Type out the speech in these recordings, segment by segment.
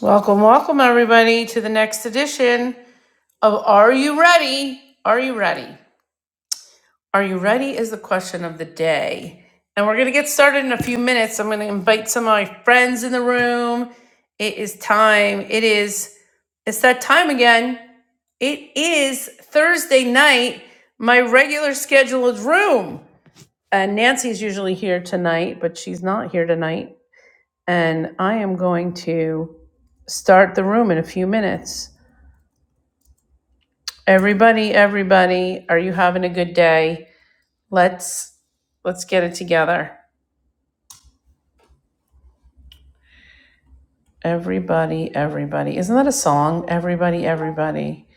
Welcome, welcome, everybody, to the next edition of Are You Ready? Are You Ready? Are You Ready is the question of the day. And we're going to get started in a few minutes. I'm going to invite some of my friends in the room. It is time. It is, it's that time again. It is Thursday night, my regular scheduled room. And Nancy's usually here tonight, but she's not here tonight. And I am going to start the room in a few minutes. Everybody, everybody, are you having a good day? Let's let's get it together. Everybody, everybody. Isn't that a song? Everybody, everybody.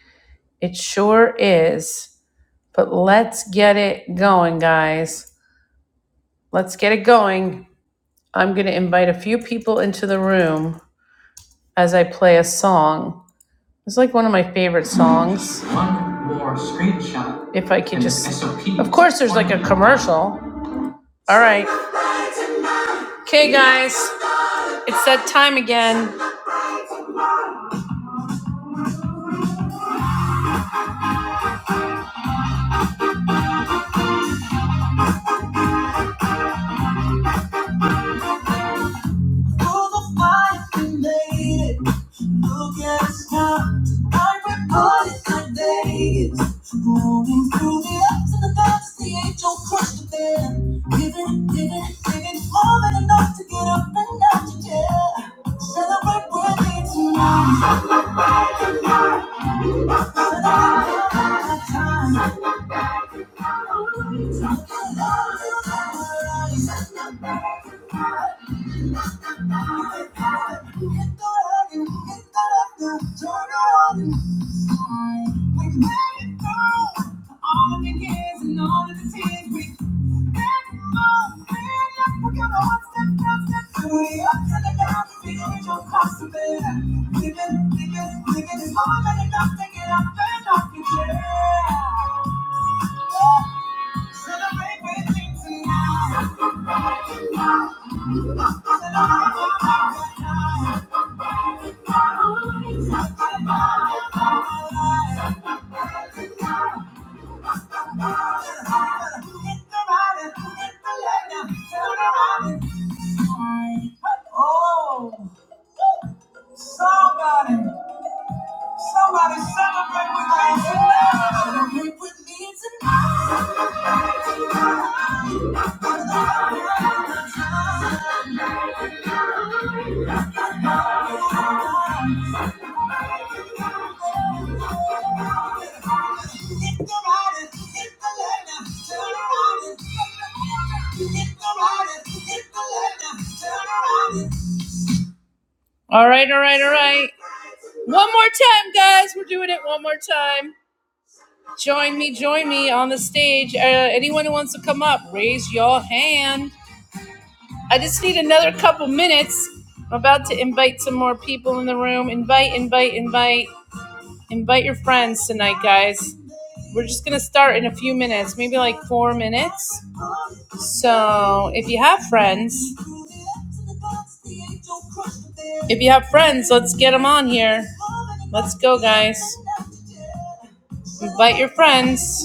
It sure is. But let's get it going, guys. Let's get it going. I'm going to invite a few people into the room as I play a song. It's like one of my favorite songs. One more screenshot. If I could just. Of course, there's like a commercial. All right. Okay, guys. It's that time again. Celebrate birthday tonight. All the years and all of the tears we Thank you. Oh, somebody, somebody celebrate with me tonight. Celebrate with me tonight. All right, all right, all right. One more time, guys. We're doing it one more time. Join me, join me on the stage. Uh, anyone who wants to come up, raise your hand. I just need another couple minutes. I'm about to invite some more people in the room. Invite, invite, invite. Invite your friends tonight, guys. We're just going to start in a few minutes, maybe like four minutes. So if you have friends, if you have friends, let's get them on here. Let's go, guys. Invite your friends.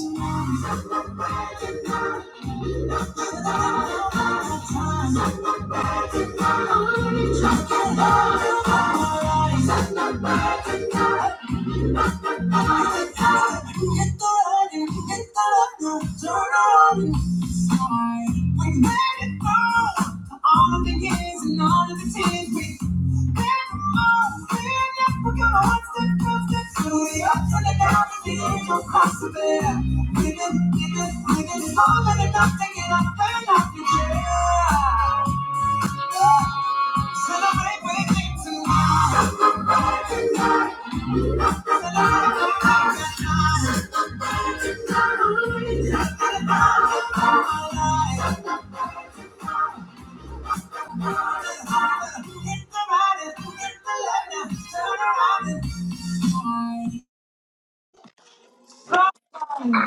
We made it through all of the years and all of the tears. We made came on, we're never gonna one step, two steps through the ups and the downs and the angel cross of there. Living, living, living, more than enough to get up and off your chair.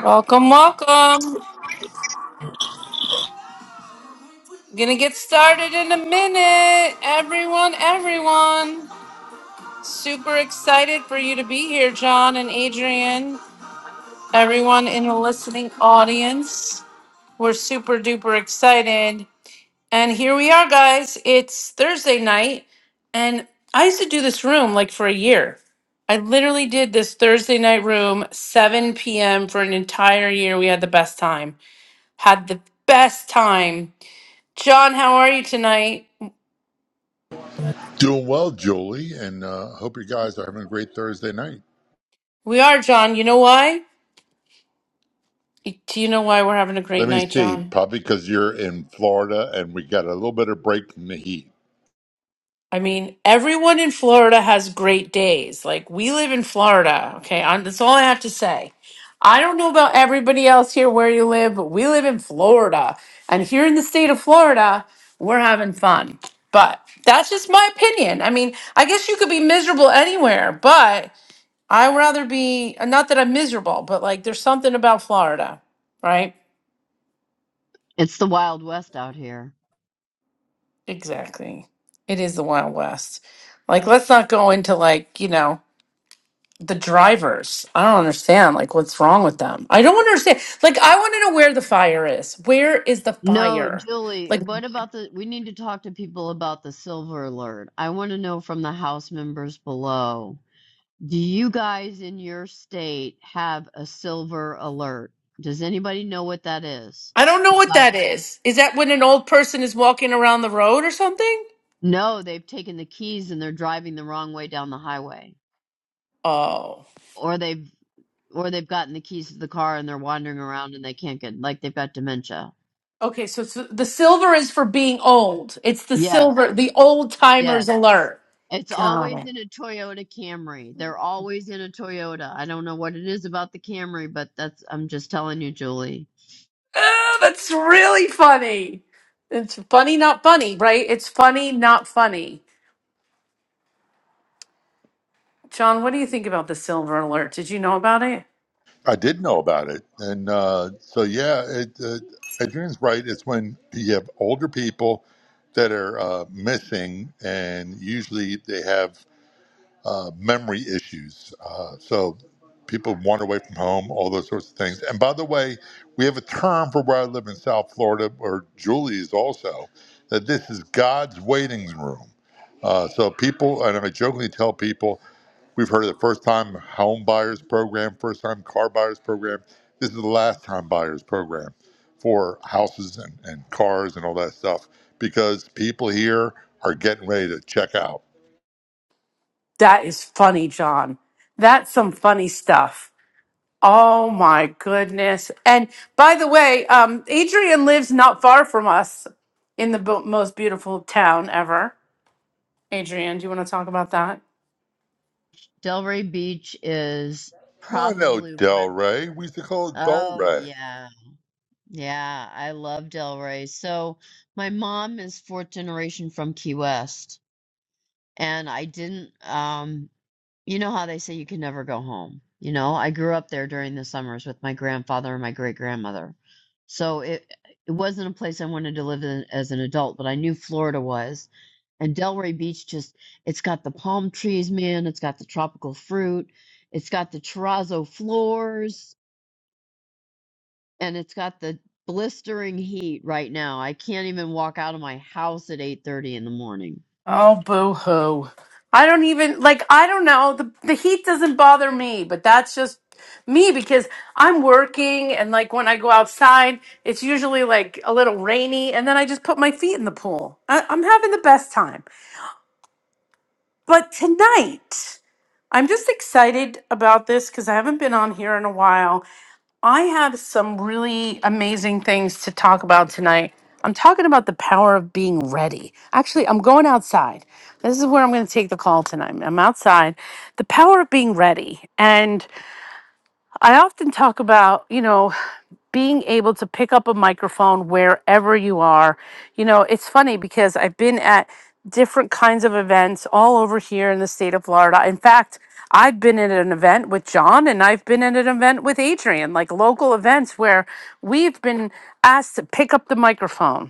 Welcome, welcome. Gonna get started in a minute. Everyone, everyone. Super excited for you to be here, John and Adrian. everyone in the listening audience. We're super duper excited. And here we are, guys. It's Thursday night. And I used to do this room like for a year. I literally did this Thursday night room, 7 p.m. for an entire year. We had the best time. Had the best time. John, how are you tonight? Doing well, Julie, and uh, hope you guys are having a great Thursday night. We are, John. You know why? Do you know why we're having a great Let me night, see, John? probably because you're in Florida and we got a little bit of break from the heat. I mean, everyone in Florida has great days. Like we live in Florida, okay? i that's all I have to say. I don't know about everybody else here where you live, but we live in Florida, and here in the state of Florida, we're having fun. But that's just my opinion. I mean, I guess you could be miserable anywhere, but I would rather be not that I'm miserable, but like there's something about Florida, right? It's the Wild West out here. Exactly. It is the Wild West. Like, let's not go into like you know the drivers. I don't understand. Like, what's wrong with them? I don't understand. Like, I want to know where the fire is. Where is the No, fire? Julie, Like, what about the? We need to talk to people about the silver alert. I want to know from the House members below. Do you guys in your state have a silver alert? Does anybody know what that is? I don't know It's what like, that is. Is that when an old person is walking around the road or something? no, they've taken the keys and they're driving the wrong way down the highway. Oh. Or they've or they've gotten the keys to the car and they're wandering around and they can't get like they've got dementia. Okay, so, so the silver is for being old. It's the silver, Yes. the old timers Yes. alert. It's Got always it. in a Toyota Camry. They're always in a Toyota. I don't know what it is about the Camry, but that's I'm just telling you, Julie. Oh, that's really funny. It's funny, not funny, right? It's funny, not funny. John, what do you think about the silver alert? Did you know about it? I did know about it, and uh, so yeah, it, uh, Adrian's right. It's when you have older people that are uh, missing, and usually they have uh, memory issues. Uh, so people wander away from home, all those sorts of things. And by the way, we have a term for where I live in South Florida, where Julie is also, that this is God's waiting room. Uh, so people, and I jokingly tell people, we've heard of the first time home buyers program, first time car buyers program. This is the last time buyers program for houses and, and cars and all that stuff because people here are getting ready to check out That is funny, John. That's some funny stuff. Oh my goodness. And by the way, um, Adrian lives not far from us in the bo- most beautiful town ever. Adrian, do you want to talk about that? Delray Beach is I know probably one Del of Rey. We used to call it Dol Oh Rey. yeah. Yeah, I love Delray. So my mom is fourth generation from Key West, and I didn't um you know how they say you can never go home. You know, I grew up there during the summers with my grandfather and my great grandmother. So it it wasn't a place I wanted to live in as an adult, but I knew Florida was. And Delray Beach just it's got the palm trees, man, it's got the tropical fruit, it's got the terrazzo floors, and it's got the blistering heat right now. I can't even walk out of my house at 8:30 in the morning. Oh, boo hoo. I don't even, like, I don't know. The, the heat doesn't bother me, but that's just me because I'm working and, like, when I go outside, it's usually like a little rainy and then I just put my feet in the pool. I, I'm having the best time. But tonight, I'm just excited about this because I haven't been on here in a while. I have some really amazing things to talk about tonight. I'm talking about the power of being ready. Actually, I'm going outside. This is where I'm going to take the call tonight. I'm outside. The power of being ready. and. I often talk about, you know, being able to pick up a microphone wherever you are. You know, it's funny because I've been at different kinds of events all over here in the state of Florida. In fact, I've been at an event with John and I've been at an event with Adrian, like local events where we've been asked to pick up the microphone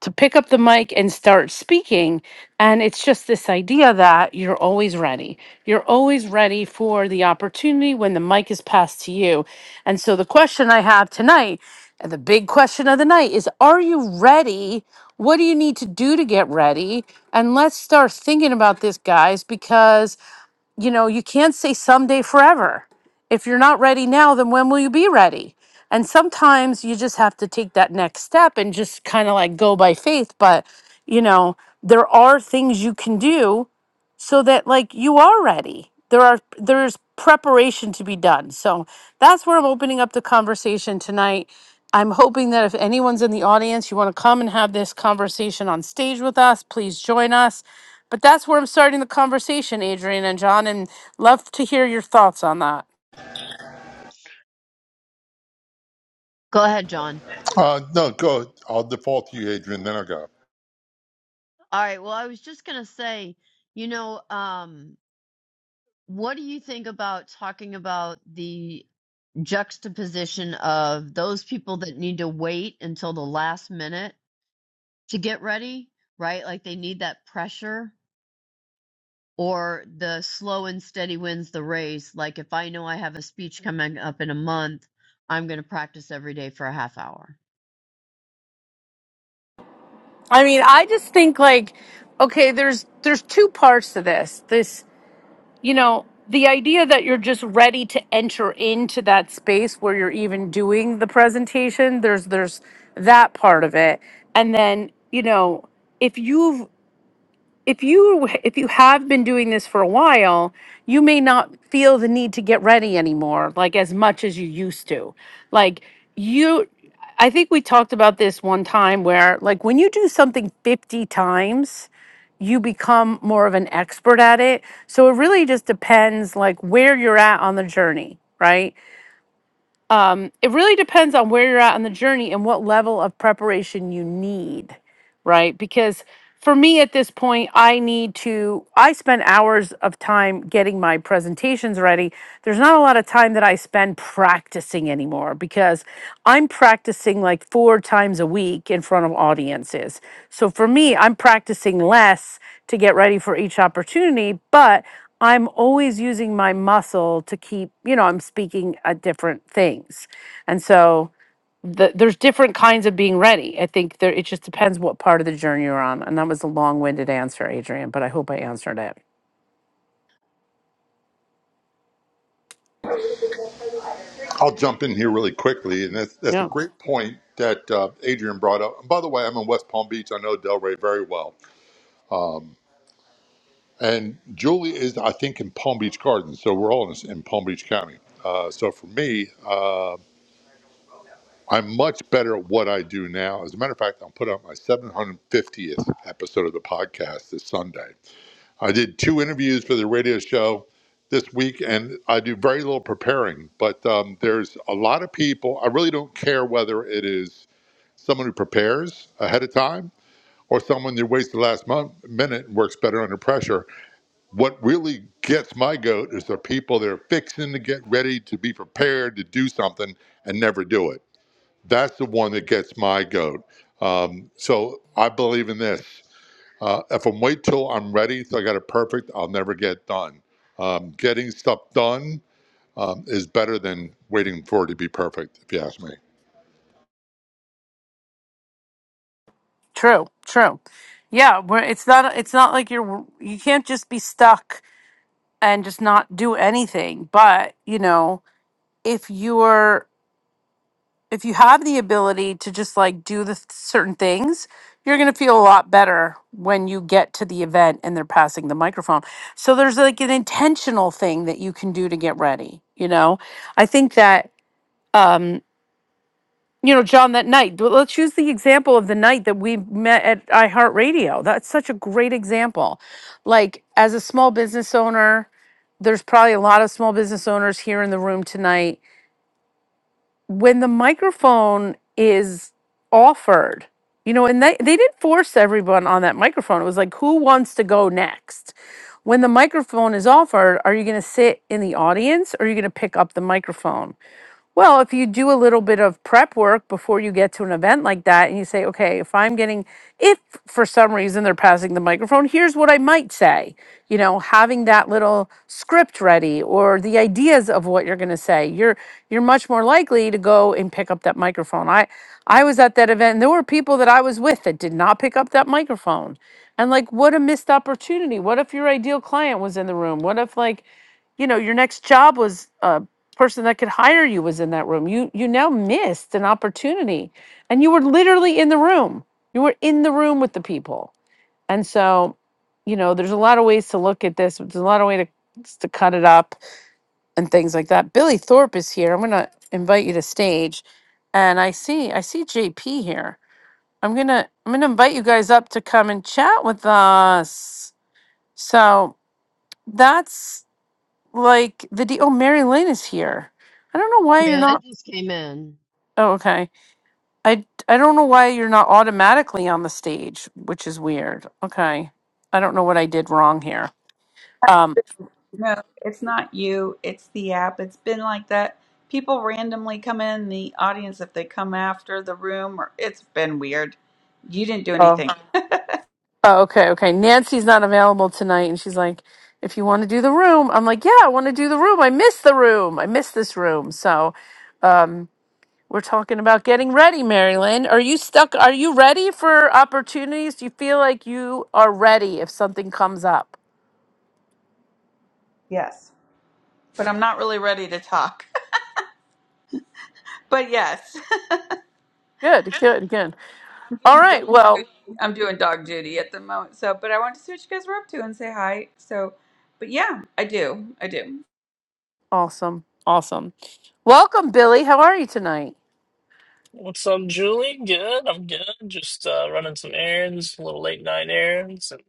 to pick up the mic and start speaking. And it's just this idea that you're always ready. You're always ready for the opportunity when the mic is passed to you. And so the question I have tonight, and the big question of the night is Are you ready? What do you need to do to get ready? And let's start thinking about this, guys, because you know, you can't say someday forever. If you're not ready now, then when will you be ready? And sometimes you just have to take that next step and just kind of like go by faith. But, you know, there are things you can do so that like you are ready there are there's preparation to be done so that's where i'm opening up the conversation tonight i'm hoping that if anyone's in the audience you want to come and have this conversation on stage with us please join us but that's where i'm starting the conversation adrian and john and love to hear your thoughts on that Go ahead, John. Uh, no, go. I'll default to you, Adrian. Then I'll go. All right, well, I was just going to say, you know, um What do you think about talking about the juxtaposition of those people that need to wait until the last minute to get ready, right? Like they need that pressure, or the slow and steady wins the race. Like if I know I have a speech coming up in a month, I'm going to practice every day for a half hour. i mean i just think like okay there's there's two parts to this this you know, the idea that you're just ready to enter into that space where you're even doing the presentation, there's there's that part of it. And then, you know, if you've if you if you have been doing this for a while you may not feel the need to get ready anymore like as much as you used to like you i think we talked about this one time where like when you do something 50 times you become more of an expert at it so it really just depends like where you're at on the journey right um, it really depends on where you're at on the journey and what level of preparation you need right? Because for me at this point, I need to, I spend hours of time getting my presentations ready. There's not a lot of time that I spend practicing anymore because I'm practicing like four times a week in front of audiences. So for me, I'm practicing less to get ready for each opportunity, but I'm always using my muscle to keep, you know, I'm speaking at different things. And so, the, there's different kinds of being ready. I think there it just depends what part of the journey you're on. And that was a long-winded answer, Adrian, but I hope I answered it. I'll jump in here really quickly, and that's that's a Yeah. great point that uh, Adrian brought up. And by the way, I'm in West Palm Beach. I know Del Rey very well, and Julie is, I think, in Palm Beach Gardens. So we're all in, in Palm Beach County. Uh, so for me, uh, I'm much better at what I do now. As a matter of fact, I'll put out my 750th episode of the podcast this Sunday. I did two interviews for the radio show this week, and I do very little preparing. But um, there's a lot of people. I really don't care whether it is someone who prepares ahead of time or someone who waits the last month, minute and works better under pressure. What really gets my goat is the people that are fixing to get ready to be prepared to do something and never do it. That's the one that gets my goat. Um, so I believe in this. Uh, if I'm wait till I'm ready, so I got it perfect, I'll never get done. Um, getting stuff done um, is better than waiting for it to be perfect, if you ask me. True. True. Yeah, where it's not it's not like you're you can't just be stuck and just not do anything. But, you know, if you're if you have the ability to just like do the th- certain things, you're going to feel a lot better when you get to the event and they're passing the microphone. So there's like an intentional thing that you can do to get ready, you know? I think that um you know, John, that night, but let's use the example of the night that we met at iHeartRadio. That's such a great example. Like, as a small business owner, there's probably a lot of small business owners here in the room tonight when the microphone is offered, you know, and they, they didn't force everyone on that microphone. It was like, who wants to go next? When the microphone is offered, are you going to sit in the audience or are you going to pick up the microphone? Well, if you do a little bit of prep work before you get to an event like that and you say, okay, if I'm getting, if for some reason they're passing the microphone, here's what I might say. You know, having that little script ready or the ideas of what you're going to say, you're, you're much more likely to go and pick up that microphone. I, I was at that event and there were people that I was with that did not pick up that microphone. And like, what a missed opportunity. What if your ideal client was in the room? What if like, you know, your next job was uh person that could hire you was in that room. You you now missed an opportunity, and you were literally in the room. You were in the room with the people, and so you know there's a lot of ways to look at this. There's a lot of way to to cut it up and things like that. Billy Thorpe is here. I'm gonna invite you to stage, and I see I see JP here. I'm gonna I'm gonna invite you guys up to come and chat with us. So that's like the deal. Oh, Mary Lynn is here. I don't know why you're Yeah, it not. just came in. Oh, okay. I I don't know why you're not automatically on the stage, which is weird. Okay. I don't know what I did wrong here. Um No, it's not you. It's the app. It's been like that. People randomly come in the audience if they come after the room, or it's been weird. You didn't do oh, anything. oh okay, okay. Nancy's not available tonight and she's like, if you want to do the room, I'm like, yeah, I want to do the room. I miss the room. I miss this room. So we're talking about getting ready, Marilyn. Are you stuck? Are you ready for opportunities? Do you feel like you are ready if something comes up? Yes, but I'm not really ready to talk. But yes, Good, good, good. I'm All doing dog right. Well, duty. I'm doing dog duty at the moment. So, but I wanted to see what you guys were up to and say hi. So, but yeah, I do. I do. awesome. Awesome. Welcome, Billy. How are you tonight? What's up, Julie? Good. I'm good. Just uh, running some errands, a little late night errands, and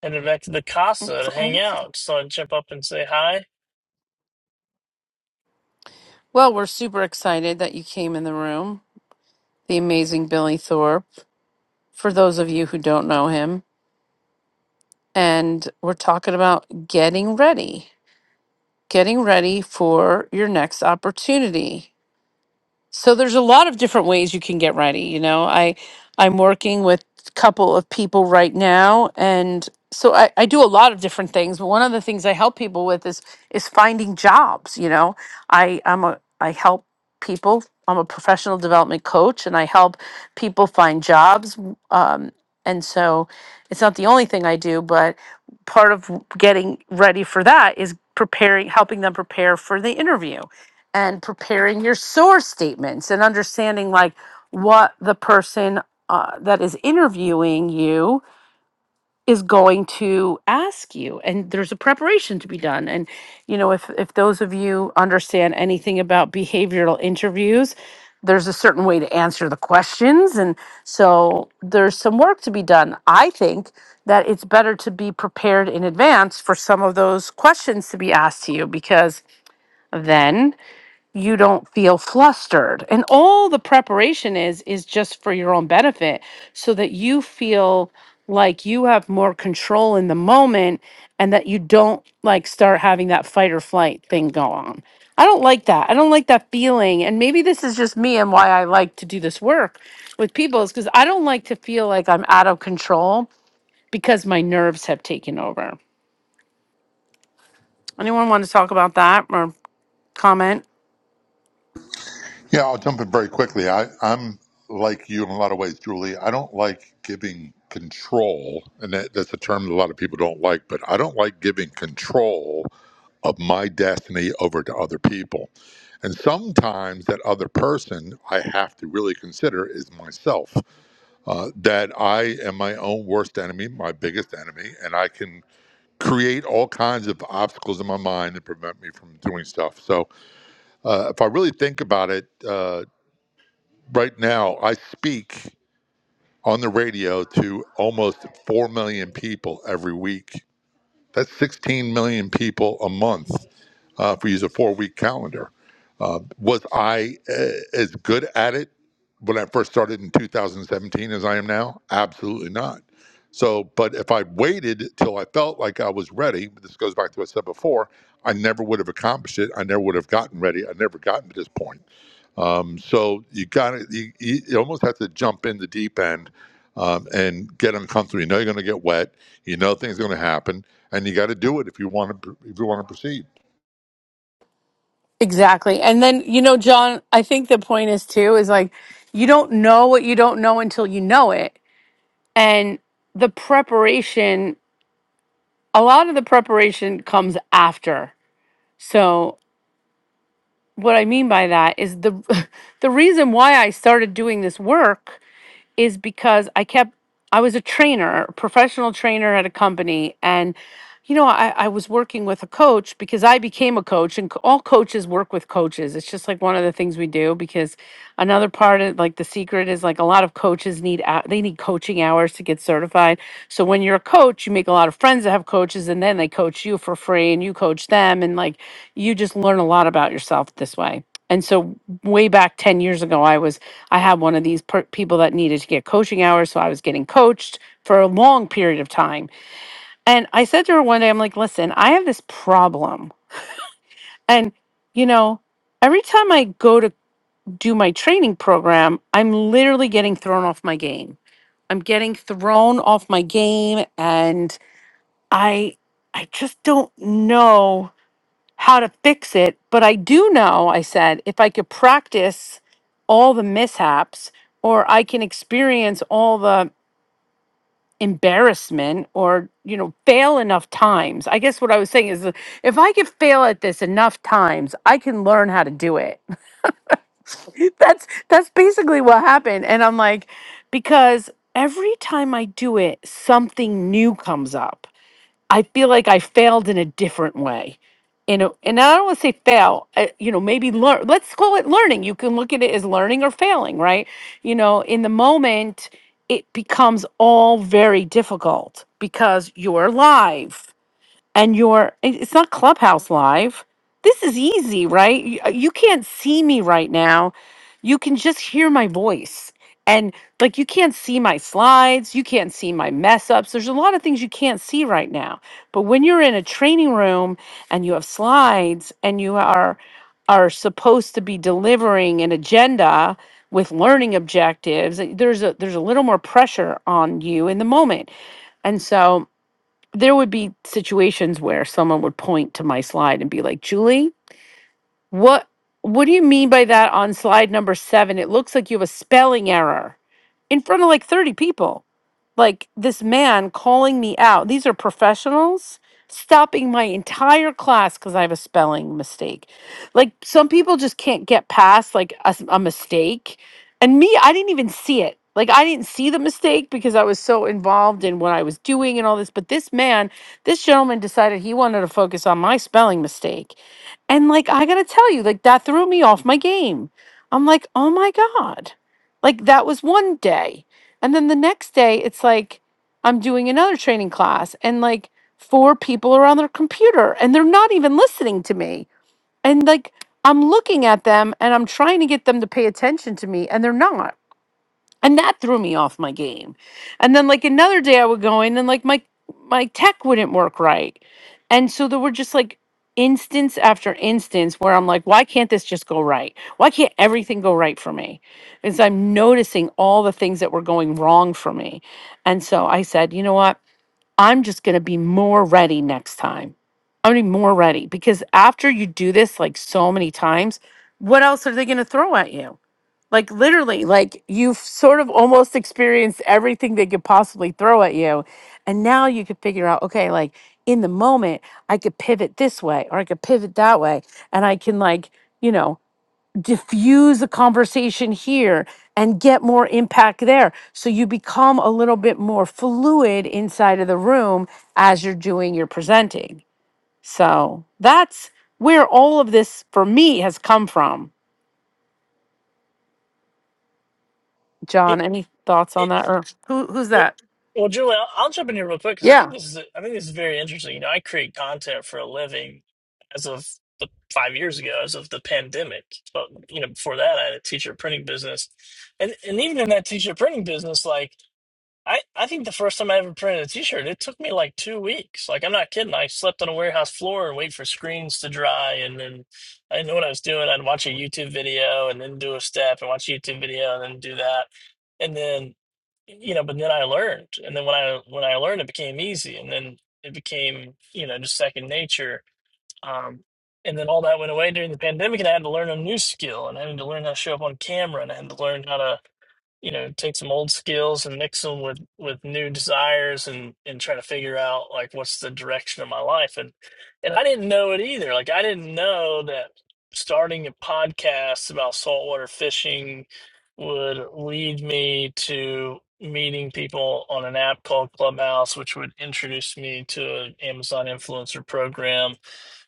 headed back to the casa That's to hang awesome. out. So I'd jump up and say hi. Well, we're super excited that you came in the room, the amazing Billy Thorpe, for those of you who don't know him. And we're talking about getting ready, getting ready for your next opportunity. so there's a lot of different ways you can get ready you know i i'm working with a couple of people right now and so I, I do a lot of different things but one of the things i help people with is is finding jobs you know i i'm a i help people i'm a professional development coach and i help people find jobs um, and so it's not the only thing i do but part of getting ready for that is preparing helping them prepare for the interview and preparing your source statements and understanding like what the person uh, that is interviewing you is going to ask you and there's a preparation to be done and you know if if those of you understand anything about behavioral interviews there's a certain way to answer the questions and so there's some work to be done i think that it's better to be prepared in advance for some of those questions to be asked to you because then you don't feel flustered. And all the preparation is is just for your own benefit so that you feel like you have more control in the moment and that you don't like start having that fight or flight thing go on. I don't like that. I don't like that feeling. And maybe this is just me and why I like to do this work with people is cuz I don't like to feel like I'm out of control because my nerves have taken over. Anyone want to talk about that or comment? Yeah, I'll jump in very quickly. I, I'm like you in a lot of ways, Julie. I don't like giving control, and that, that's a term that a lot of people don't like, but I don't like giving control of my destiny over to other people. And sometimes that other person I have to really consider is myself. uh, that I am my own worst enemy, my biggest enemy, and I can create all kinds of obstacles in my mind that prevent me from doing stuff. So uh, if I really think about it, uh, right now I speak on the radio to almost 4 million people every week. That's 16 million people a month uh, if we use a four week calendar. Uh, was I uh, as good at it when I first started in 2017 as I am now? Absolutely not. So, but if I waited till I felt like I was ready, this goes back to what I said before, I never would have accomplished it. I never would have gotten ready. I never gotten to this point. Um, so you got to you, you almost have to jump in the deep end um, and get uncomfortable. You know you're going to get wet. You know things are going to happen, and you got to do it if you want to if you want to proceed. Exactly. And then, you know, John, I think the point is too is like you don't know what you don't know until you know it. And the preparation, a lot of the preparation comes after. So, what I mean by that is the the reason why I started doing this work is because I kept I was a trainer, a professional trainer at a company and you know, I, I was working with a coach because I became a coach and co- all coaches work with coaches. It's just like one of the things we do because another part of like the secret is like a lot of coaches need hou- they need coaching hours to get certified. So when you're a coach, you make a lot of friends that have coaches and then they coach you for free and you coach them and like you just learn a lot about yourself this way. And so way back 10 years ago, I was I had one of these per- people that needed to get coaching hours. So I was getting coached for a long period of time. And I said to her one day, I'm like, listen, I have this problem. And, you know, every time I go to do my training program, I'm literally getting thrown off my game. I'm getting thrown off my game. And I, I just don't know how to fix it, but I do know, I said, if I could practice all the mishaps or I can experience all the embarrassment or, you know, fail enough times. I guess what I was saying is that if I could fail at this enough times, I can learn how to do it. that's that's basically what happened and I'm like because every time I do it, something new comes up I feel like I failed in a different way. And, and I don't want to say fail, I, you know, maybe learn. Let's call it learning. You can look at it as learning or failing, right? You know, in the moment, it becomes all very difficult because you're live and you're it- it's not clubhouse live this is easy right you, uh, you can't see me right now you can just hear my voice and like you can't see my slides you can't see my mess ups there's a lot of things you can't see right now but when you're in a training room and you have slides and you are are supposed to be delivering an agenda with learning objectives uh, there's a there's a little more pressure on you in the moment and so there would be situations where someone would point to my slide and be like, Julie, what what do you mean by that on slide number 7? It looks like you have a spelling error in front of like 30 people. Like this man calling me out. These are professionals stopping my entire class cuz I have a spelling mistake. Like some people just can't get past like a, s- a mistake. And me, I didn't even see it. Like I didn't see the mistake because I was so involved in what I was doing and all this, but this man, this gentleman decided he wanted to focus on my spelling mistake and like I gotta tell you, like that threw me off my game. I'm like, oh my God. Like that was one day. And then the next day it's like I'm doing another training class and like four people are on their computer and they're not even listening to me. And like I'm looking at them and I'm trying to get them to pay attention to me and they're not and that threw me off my game and then like another day i would go in and like my my tech wouldn't work right and so there were just like instance after instance where i'm like why can't this just go right why can't everything go right for me because i'm noticing all the things that were going wrong for me and so i said you know what i'm just going to be more ready next time i'm going to be more ready because after you do this like so many times what else are they going to throw at you like literally like you've sort of almost experienced everything they could possibly throw at you and now you could figure out okay like in the moment i could pivot this way or i could pivot that way and i can like you know diffuse a conversation here and get more impact there so you become a little bit more fluid inside of the room as you're doing your presenting so that's where all of this for me has come from It, John, any thoughts it, on that? Or who who's well, that? well, Julie, I'll, I'll jump in here real quick because I Yeah. think this is I think this is very interesting. You know, I create content for a living as of the five years ago, as of the pandemic. But you know, before that, I had a teacher printing business, and and even in that teacher printing business, like I, I think the first time I ever printed a t-shirt, it took me like two weeks. Like, I'm not kidding. I slept on a warehouse floor and wait for screens to dry. And then I didn't know what I was doing. I'd watch a YouTube video and then do a step and watch a YouTube video and then do that. And then, you know, but then I learned. And then when I, when I learned, it became easy. And then it became, you know, just second nature. Um, and then all that went away during the pandemic and I had to learn a new skill and I had to learn how to show up on camera and I had to learn how to you know take some old skills and mix them with with new desires and and try to figure out like what's the direction of my life and and I didn't know it either like I didn't know that starting a podcast about saltwater fishing would lead me to meeting people on an app called Clubhouse which would introduce me to an Amazon influencer program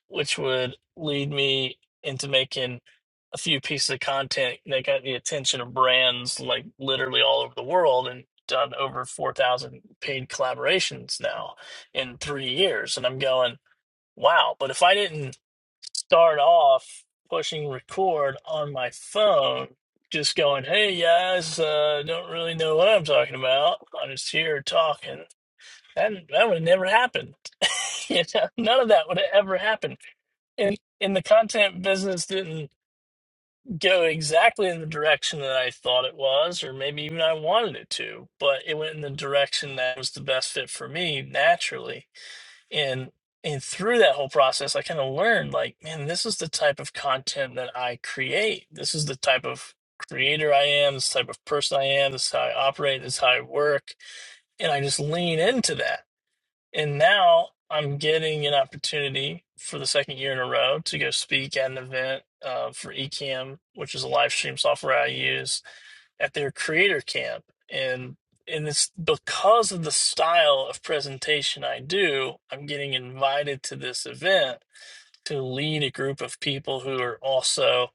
which would lead me into making a few pieces of content that got the attention of brands like literally all over the world and done over 4,000 paid collaborations now in three years. And I'm going, wow. But if I didn't start off pushing record on my phone, just going, hey guys, uh, don't really know what I'm talking about. I'm just here talking. That, that would have never happened. you know, none of that would have ever happened. And in the content business didn't go exactly in the direction that I thought it was, or maybe even I wanted it to, but it went in the direction that was the best fit for me naturally. And and through that whole process, I kind of learned like, man, this is the type of content that I create. This is the type of creator I am, this type of person I am, this is how I operate, this is how I work. And I just lean into that and now I'm getting an opportunity for the second year in a row to go speak at an event uh, for Ecamm, which is a live stream software I use at their creator camp. And and it's because of the style of presentation I do, I'm getting invited to this event to lead a group of people who are also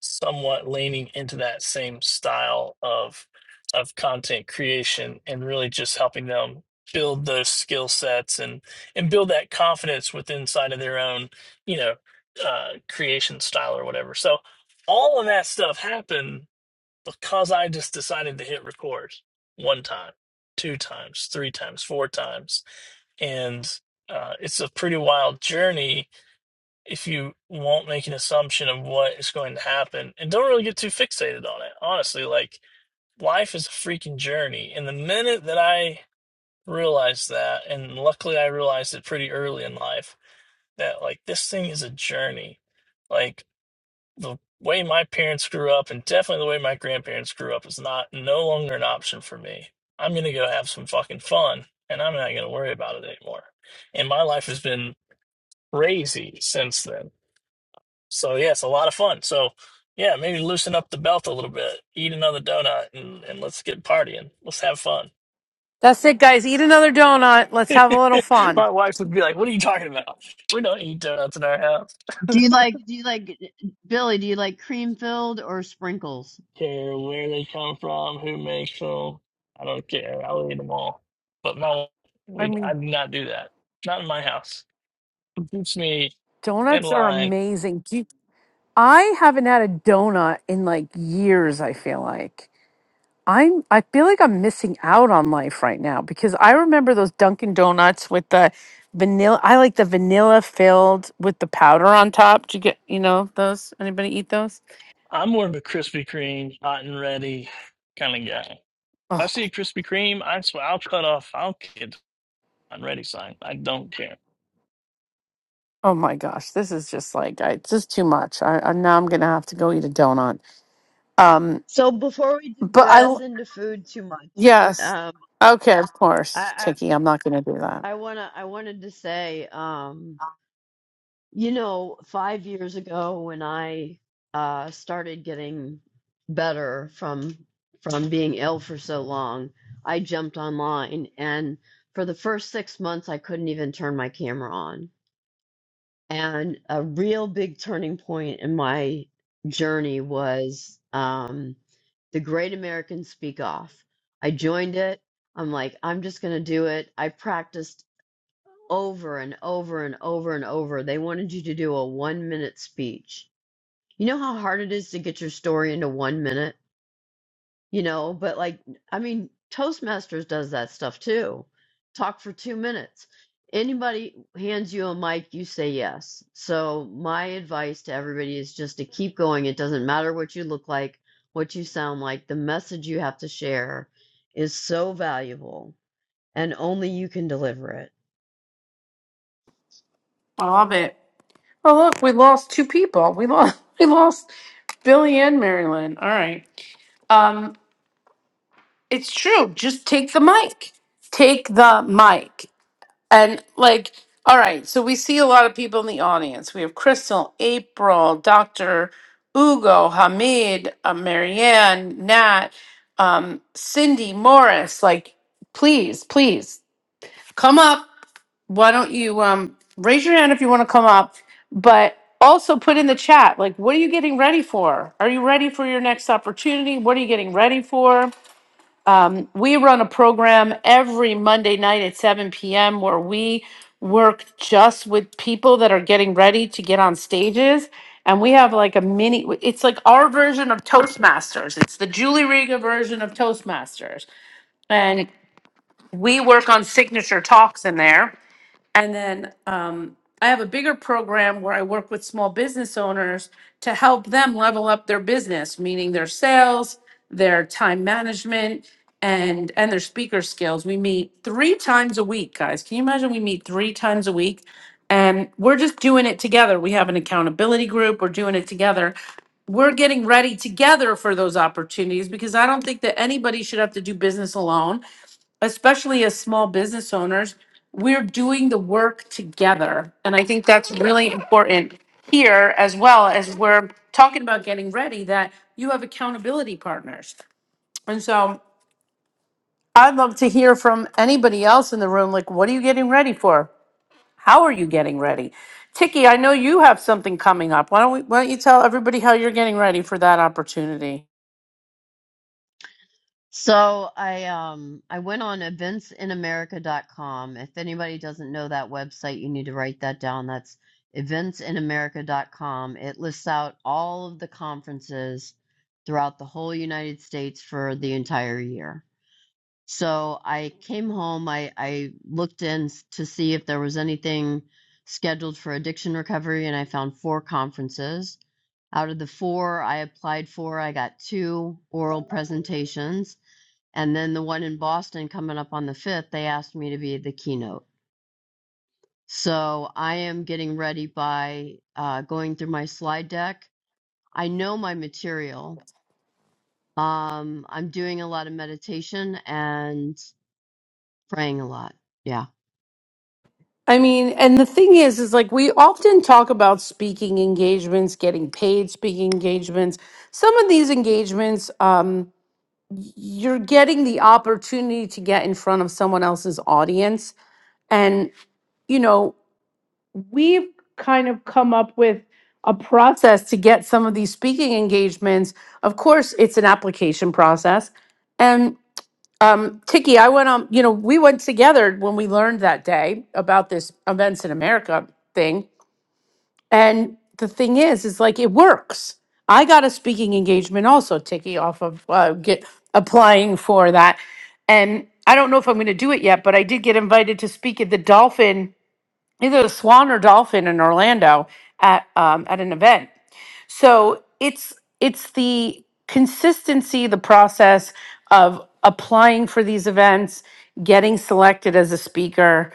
somewhat leaning into that same style of of content creation and really just helping them build those skill sets and and build that confidence within inside of their own you know uh, creation style or whatever so all of that stuff happened because i just decided to hit record one time two times three times four times and uh, it's a pretty wild journey if you won't make an assumption of what is going to happen and don't really get too fixated on it. Honestly, like life is a freaking journey. And the minute that I realized that, and luckily I realized it pretty early in life, that like this thing is a journey. Like the way my parents grew up and definitely the way my grandparents grew up is not no longer an option for me. I'm gonna go have some fucking fun and I'm not gonna worry about it anymore. And my life has been crazy since then so yeah, it's a lot of fun. So yeah, maybe loosen up the belt a little bit, eat another donut, and, and let's get partying. Let's have fun. That's it, guys. Eat another donut. Let's have a little fun. My wife would be like, "What are you talking about? We don't eat donuts in our house. Do you like, do you like, Billy, do you like cream filled or sprinkles? Care where they come from, who makes them. I don't care. I'll eat them all." But my, I we, I mean, do not do that. Not in my house. It keeps me in donuts are line. amazing. Do you, I haven't had a donut in like years, I feel like. I'm I feel like I'm missing out on life right now because I remember those Dunkin' Donuts with the vanilla I like the vanilla filled with the powder on top. Do you get you know those? Anybody eat those? I'm more of a Krispy Kreme, hot and ready kind of guy. If I Oh see a Krispy Kreme, I swear I'll cut off. I'll get I'm ready, sign. I don't care. Oh my gosh, this is just like I it's just too much. I, I now I'm gonna have to go eat a donut. Um, So before we but I digress l- into food too much, yes, um, okay, of course, I, Tiki. I'm not gonna do that. I wanna I wanted to say, um, you know, five years ago when I uh started getting better from from being ill for so long, I jumped online and for the first six months I couldn't even turn my camera on. And a real big turning point in my journey was um the Great American Speak Off. I joined it. I'm like, I'm just gonna do it. I practiced over and over and over and over. They wanted you to do a one minute speech. You know how hard it is to get your story into one minute? You know, but like, I mean, Toastmasters does that stuff too. Talk for two minutes. Anybody hands you a mic, you say yes. So, my advice to everybody is just to keep going. It doesn't matter what you look like, what you sound like, the message you have to share is so valuable and only you can deliver it. I love it. Oh look, we lost two people. We lost we lost Billy and Marilyn. All right. Um, it's true. Just take the mic. Take the mic. And like, all right, so we see a lot of people in the audience. We have Crystal, April, Dr. Ugo, Hamid, uh, Marianne, Nat, um, Cindy, Morris. Like, please, please come up. Why don't you um, raise your hand if you want to come up? But also put in the chat, like, what are you getting ready for? Are you ready for your next opportunity? What are you getting ready for? Um, we run a program every Monday night at 7 p.m. where we work just with people that are getting ready to get on stages. And we have like a mini, it's like our version of Toastmasters. It's the Julie Riga version of Toastmasters. And we work on signature talks in there and then um, I have a bigger program where I work with small business owners to help them level up their business, meaning their sales, their time management, and and their speaker skills. We meet three times a week, guys. Can you imagine? We meet three times a week, and we're just doing it together. We have an accountability group. We're doing it together we're getting ready together for those opportunities because I don't think that anybody should have to do business alone especially as small business owners, we're doing the work together. And I think that's really important here as well as we're talking about getting ready that you have accountability partners. And so I'd love to hear from anybody else in the room like, what are you getting ready for? How are you getting ready? Tiki, I know you have something coming up. Why don't, we, why don't you tell everybody how you're getting ready for that opportunity? So I um I went on events in america dot com. If anybody doesn't know that website, you need to write that down. That's events in america dot com. It lists out all of the conferences throughout the whole United States for the entire year. So I came home, I I looked in s- to see if there was anything scheduled for addiction recovery and I found four conferences. Out of the four I applied for, I got two oral presentations and then the one in Boston coming up on the 5th, they asked me to be the keynote. So I am getting ready by uh, going through my slide deck. I know my material. Um, I'm doing a lot of meditation and praying a lot. Yeah. I mean, and the thing is, is like we often talk about speaking engagements, getting paid speaking engagements. Some of these engagements, um, y- you're getting the opportunity to get in front of someone else's audience. And, you know, we've kind of come up with a process to get some of these speaking engagements. Of course, it's an application process. Um, Tiki, I went on, you know, we went together when we learned that day about this events in America thing. And the thing is, is like it works. I got a speaking engagement also, Tiki, off of uh, get applying for that. And I don't know if I'm going to do it yet, but I did get invited to speak at the Dolphin either the Swan or Dolphin in Orlando at um, at an event. So it's it's the consistency, the process of applying for these events, getting selected as a speaker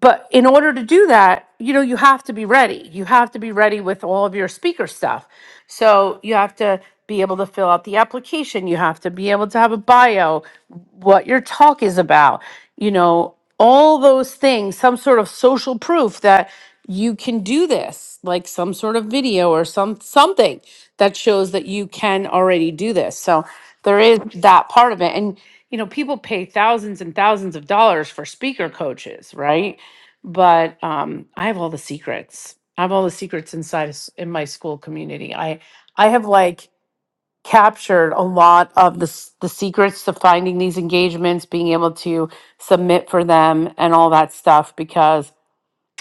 but in order to do that you know you have to be ready you have to be ready with all of your speaker stuff so you have to be able to fill out the application you have to be able to have a bio what your talk is about you know all those things some sort of social proof that you can do this like some sort of video or some something that shows that you can already do this so there is that part of it and you know people pay thousands and thousands of dollars for speaker coaches right but um, I have all the secrets. I have all the secrets inside of, s- in my school community. I I have like captured a lot of the s- the secrets to finding these engagements, being able to submit for them, and all that stuff because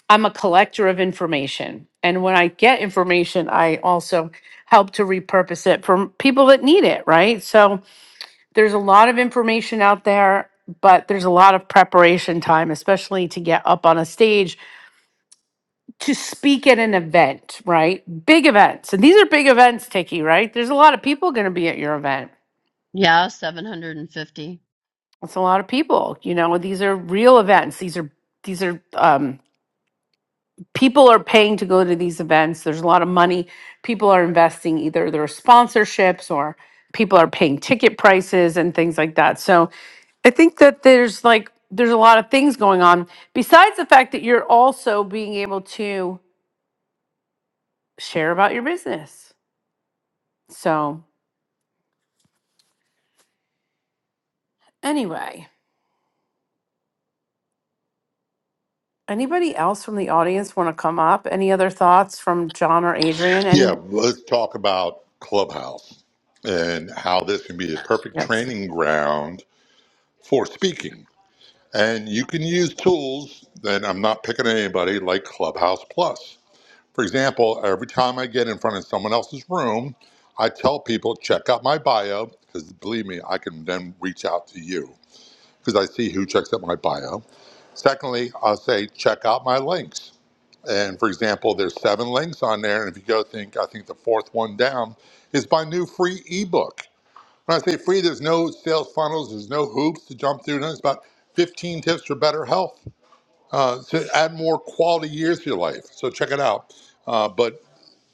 I'm a collector of information. And when I get information, I also help to repurpose it for people that need it. Right. So there's a lot of information out there. But there's a lot of preparation time, especially to get up on a stage to speak at an event, right? Big events. And these are big events, Tiki, right? There's a lot of people going to be at your event. Yeah, 750. That's a lot of people. You know, these are real events. These are these are um, people are paying to go to these events. There's a lot of money. People are investing either their sponsorships or people are paying ticket prices and things like that. So I think that there's like there's a lot of things going on besides the fact that you're also being able to share about your business. So Anyway, anybody else from the audience want to come up? Any other thoughts from John or Adrian? Any? Yeah, let's talk about Clubhouse and how this can be a perfect Yes. training ground for speaking. And you can use tools, and I'm not picking on anybody, like Clubhouse Plus. For example, every time I get in front of someone else's room, I tell people, check out my bio, because believe me, I can then reach out to you because I see who checks out my bio. Secondly, I'll say, check out my links. And for example, there's seven links on there. And if you go think, I think the fourth one down is my new free ebook. When I say free, there's no sales funnels, there's no hoops to jump through. No, It's about 15 tips for better health uh, to add more quality years to your life. So check it out. Uh, but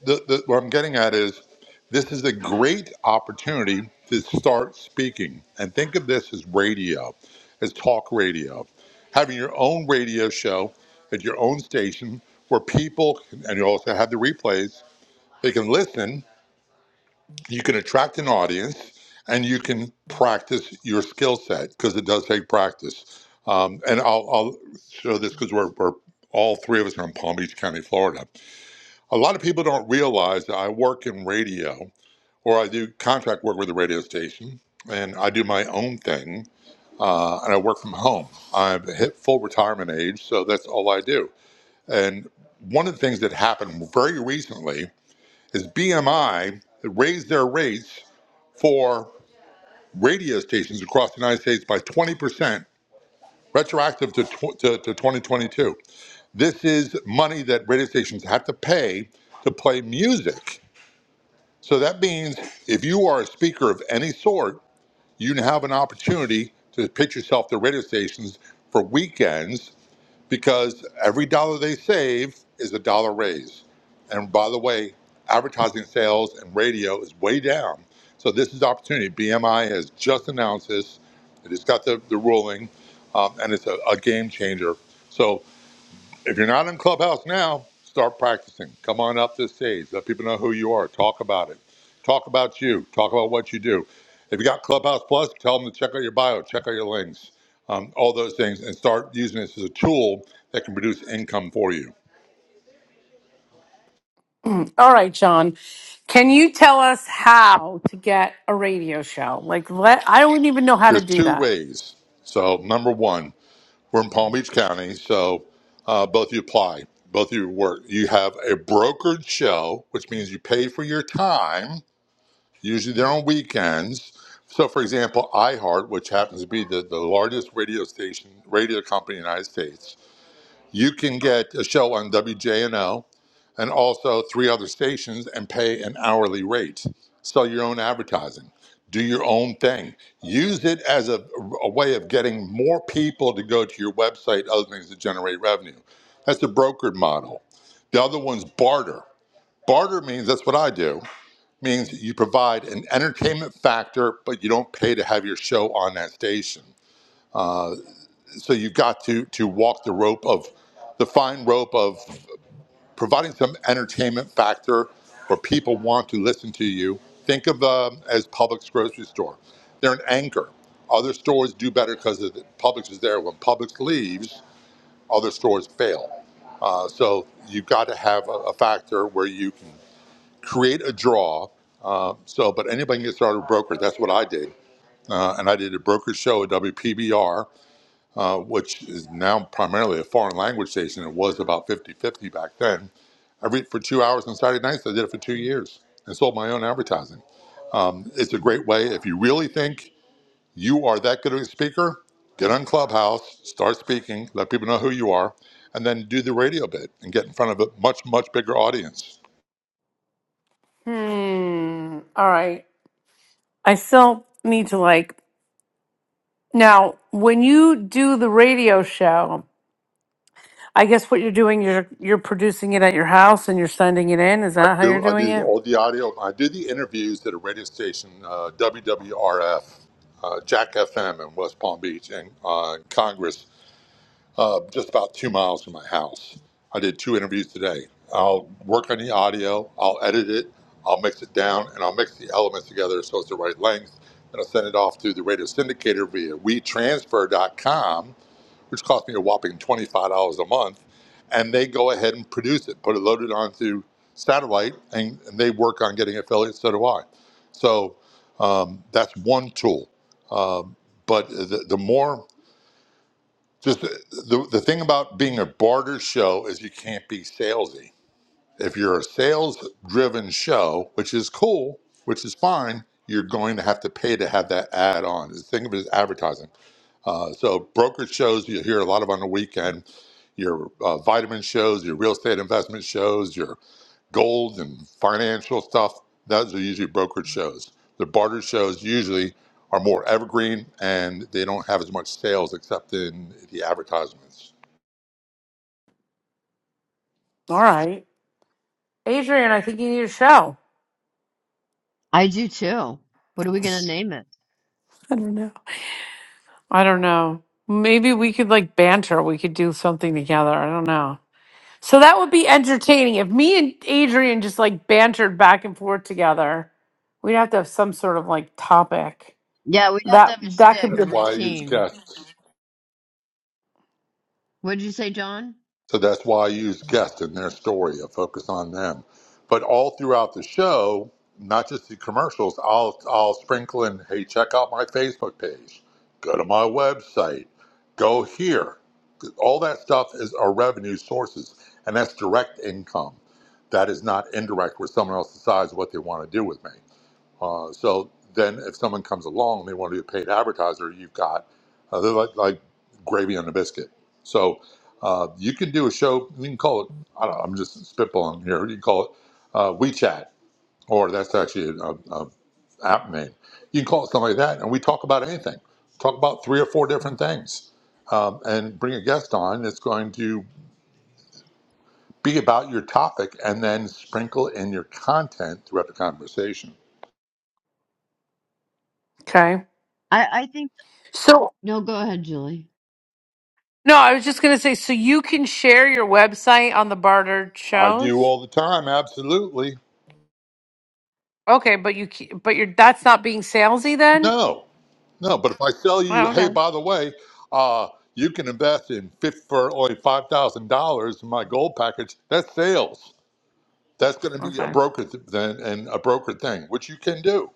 the, the, what I'm getting at is this is a great opportunity to start speaking. And think of this as radio, as talk radio. Having your own radio show at your own station where people, and you also have the replays, they can listen, you can attract an audience, and you can practice your skill set because it does take practice. Um, and I'll, I'll show this because we're, we're all three of us are in Palm Beach County, Florida a lot of people don't realize that I work in radio, or I do contract work with a radio station, and I do my own thing, uh, and I work from home. I've hit full retirement age, so that's all I do. And one of the things that happened very recently is BMI raised their rates for radio stations across the United States by 20%, retroactive to, tw- to, to 2022. This is money that radio stations have to pay to play music So that means if you are a speaker of any sort, you have an opportunity to pitch yourself to radio stations for weekends because every dollar they save is a dollar raise. And by the way, advertising sales and radio is way down. So this is opportunity. BMI has just announced this. It has got the, the ruling, um, and it's a, a game changer. So if you're not in Clubhouse now, start practicing. Come on up to the stage. Let people know who you are. Talk about it. Talk about you. Talk about what you do. If you got Clubhouse Plus, tell them to check out your bio, check out your links, um, all those things, and start using this as a tool that can produce income for you. All right, John. Can you tell us how to get a radio show? Like, let I don't even know how to There's do two that. ways. So, number one, we're in Palm Beach County, so uh, both of you apply, both of you work. You have a brokered show, which means you pay for your time Usually they're on weekends. So, for example, iHeart, which happens to be the, the largest radio station, radio company in the United States, you can get a show on WJNO and also three other stations and pay an hourly rate. Sell your own advertising, do your own thing. Use it as a, a way of getting more people to go to your website, other things that generate revenue. That's the brokered model. The other one's barter. Barter means that's what I do means that you provide an entertainment factor, but you don't pay to have your show on that station. So you've got to to walk the rope of the fine rope of providing some entertainment factor where people want to listen to you. Think of them as Publix grocery store. They're an anchor. Other stores do better because Publix is there. When Publix leaves, other stores fail. Uh, so you've got to have a, a factor where you can create a draw. Uh, so, but anybody can get started with brokers. That's what I did. Uh, and I did a broker show at WPBR, uh, which is now primarily a foreign language station. It was about 50 50 back then. I read for two hours on Saturday nights. I did it for two years and sold my own advertising. Um, it's a great way. If you really think you are that good of a speaker, get on Clubhouse, start speaking, let people know who you are, and then do the radio bit and get in front of a much, much bigger audience. Hmm. All right. I still need to like now. When you do the radio show, I guess what you're doing, you're you're producing it at your house and you're sending it in. Is I that how you're do. I doing do it? all the audio. I do the interviews at a radio station, uh, WWRF, uh, Jack FM in West Palm Beach, and uh, Congress, uh, just about two miles from my house. I did two interviews today. I'll work on the audio. I'll edit it. I'll mix it down, and I'll mix the elements together so it's the right length. And I'll send it off to the radio syndicator via WeTransfer.com which cost me a whopping $25 a month. And they go ahead and produce it, put it loaded onto satellite, and, and they work on getting affiliates, so do I. So um, that's one tool. Um, but the, the more, just the, the thing about being a barter show is you can't be salesy. If you're a sales driven show, which is cool, which is fine, you're going to have to pay to have that ad on. Think of it as advertising uh, so brokerage shows you hear a lot of on the weekend, your uh, vitamin shows, your real estate investment shows, your gold and financial stuff. Those are usually brokerage shows. The barter shows usually are more evergreen and they don't have as much sales except in the advertisements. All right, Adrian, I think you need a show. I do too. What are we going to name it? I don't know. I don't know. Maybe we could like banter. We could do something together. I don't know. So that would be entertaining. If me and Adrian just like bantered back and forth together, we'd have to have some sort of like topic. Yeah, we'd have to That have a that stick, could a be That's why I use routine. guests. What did you say, John? So that's why I use guests in their story. I focus on them. But all throughout the show, not just the commercials, I'll I'll sprinkle in, hey, check out my Facebook page. Go to my website. Go here. All that stuff is our revenue sources, and that's direct income. That is not indirect where someone else decides what they want to do with me. Uh, so then, if someone comes along and they want to be a paid advertiser, you've got uh, they're like, like gravy on a biscuit. So uh, you can do a show. You can call it. I don't know. I'm just spitballing here. You can call it uh, WeChat, or that's actually a, a app name. You can call it something like that, and we talk about anything. Talk about three or four different things, um, and bring a guest on. It's going to be about your topic, and then sprinkle in your content throughout the conversation. okay. I, I think, So no, go ahead, Julie. no, I was just gonna say. So you can share your website on the bartered I do shows. all the time. Absolutely. Okay, but you ca- but you're that's not being salesy then. No, no. But if I sell you, Oh, hey, okay. by the way, uh, you can invest in fif- for only five thousand dollars in my gold package. That's sales. That's going to be a Okay. broker th- then and a broker thing, which you can do.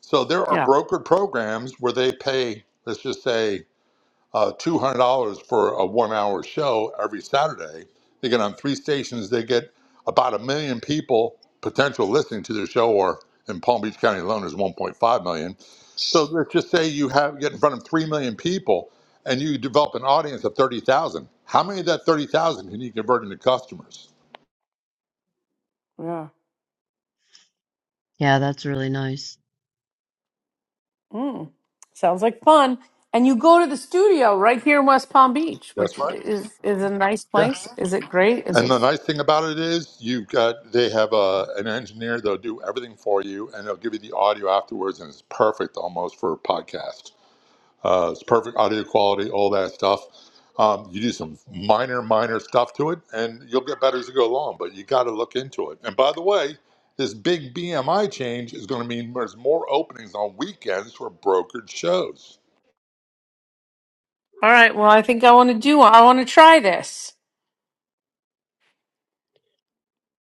So there are Yeah. brokered programs where they pay. Let's just say uh, $200 for a one hour show every Saturday. They get on three stations, they get about a million people potential listening to their show, or in Palm Beach County alone, is 1.5 million. So let's just say you have get in front of 3 million people and you develop an audience of 30,000. How many of that 30,000 can you convert into customers? Yeah. Yeah, that's really nice. Mm. Sounds like fun. And you go to the studio right here in West Palm Beach, which That's right. is is a nice Yeah. place. Is it great? Is And the it? nice thing about it is you've got, they have a, an engineer, they'll do everything for you and they'll give you the audio afterwards and it's perfect almost for a podcast. Uh, it's perfect audio quality, all that stuff. Um, you do some minor, minor stuff to it, and you'll get better as you go along. But you got to look into it. And by the way, this big BMI change is going to mean there's more openings on weekends for brokered shows. All right. Well, I think I want to do. I want to try this.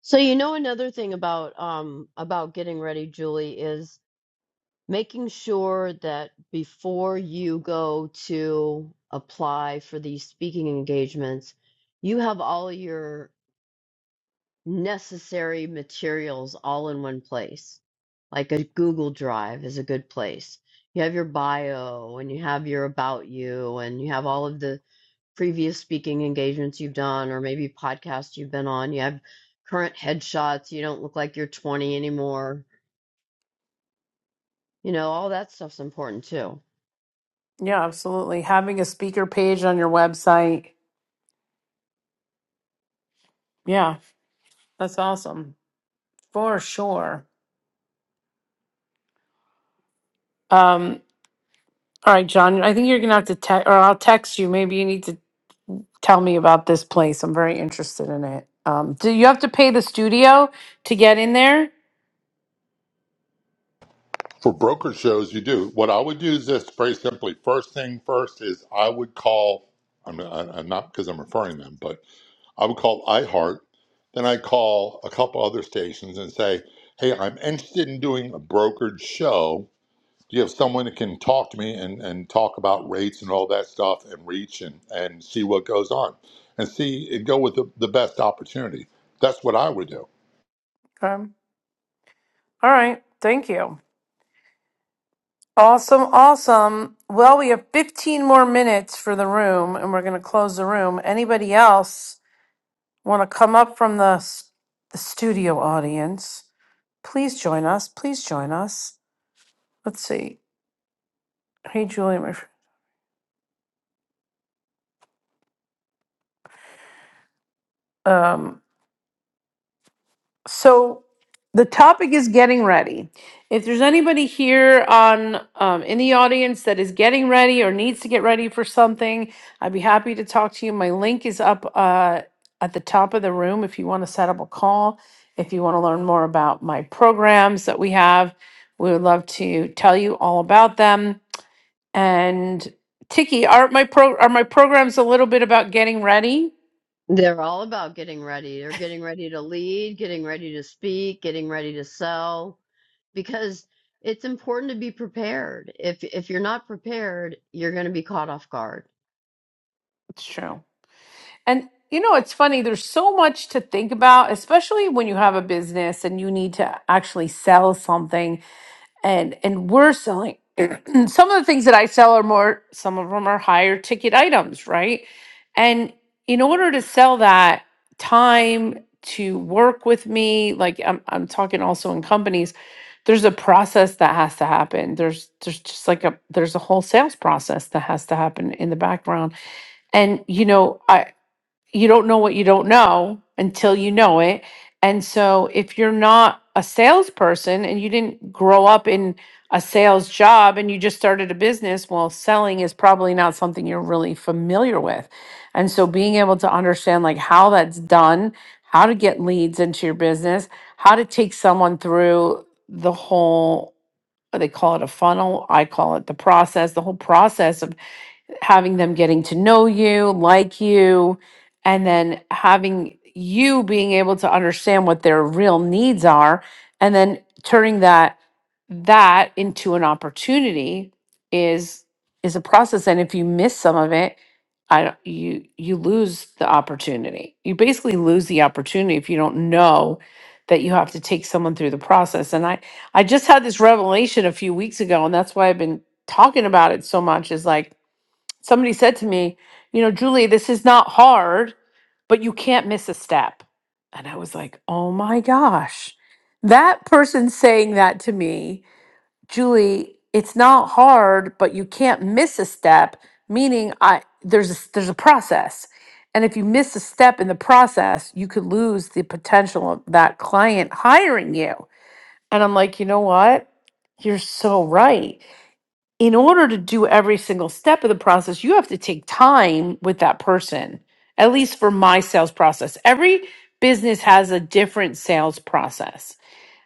So you know another thing about um about getting ready, Julie, is making sure that before you go to apply for these speaking engagements, you have all your necessary materials all in one place. Like a Google Drive is a good place. You have your bio and you have your about you and you have all of the previous speaking engagements you've done or maybe podcasts you've been on. You have current headshots. You don't look like you're 20 anymore. You know, all that stuff's important too. Yeah, absolutely. Having a speaker page on your website. Yeah, that's awesome for sure. Um, all right, John. I think you're gonna have to text, or I'll text you. Maybe you need to tell me about this place. I'm very interested in it. Um, do you have to pay the studio to get in there? For brokered shows, you do what I would do is this very simply. First thing first is I would call. I'm, I- am i am not because I'm referring them, but I would call iHeart. Then I call a couple other stations and say, "Hey, I'm interested in doing a brokered show Do you have someone that can talk to me and, and talk about rates and all that stuff and reach and, and see what goes on and see and go with the, the best opportunity? That's what I would do. Okay. All right. Thank you. Awesome. Awesome. Well, we have 15 more minutes for the room, and we're gonna close the room. Anybody else? want to come up from the, s- the studio audience, please join us. Please join us. Let's see. Hey, Julia. my fr- Um, so the topic is getting ready. If there's anybody here on um, in the audience that is getting ready or needs to get ready for something, I'd be happy to talk to you. My link is up uh, at the top of the room if you want to set up a call. If you want to learn more about my programs that we have, we would love to tell you all about them. And Tiki, are my pro are my programs a little bit about getting ready? They're all about getting ready. They're getting ready to lead, getting ready to speak, getting ready to sell because it's important to be prepared. If if you're not prepared, you're going to be caught off guard. It's true. And you know, it's funny, there's so much to think about, especially when you have a business and you need to actually sell something and and we're selling some of the things that i sell are more some of them are higher ticket items right and in order to sell that time to work with me like i'm, I'm talking also in companies there's a process that has to happen there's there's just like a there's a whole sales process that has to happen in the background and you know I you don't know what you don't know until you know it. And so if you're not a salesperson and you didn't grow up in a sales job and you just started a business, well, selling is probably not something you're really familiar with. And so being able to understand like how that's done, how to get leads into your business, how to take someone through the whole they call it a funnel, I call it the process, the whole process of having them getting to know you, like you, and then having you being able to understand what their real needs are and then turning that that into an opportunity is is a process and if you miss some of it I don't, you you lose the opportunity. You basically lose the opportunity if you don't know that you have to take someone through the process. And I I just had this revelation a few weeks ago and that's why I've been talking about it so much is like Somebody said to me, you know, Julie, this is not hard, but you can't miss a step. And I was like, oh my gosh, that person saying that to me, Julie, it's not hard, but you can't miss a step, meaning I there's a, there's a process. And if you miss a step in the process, you could lose the potential of that client hiring you. And I'm like, you know what? You're so right in order to do every single step of the process, you have to take time with that person, at least for my sales process. Every business has a different sales process.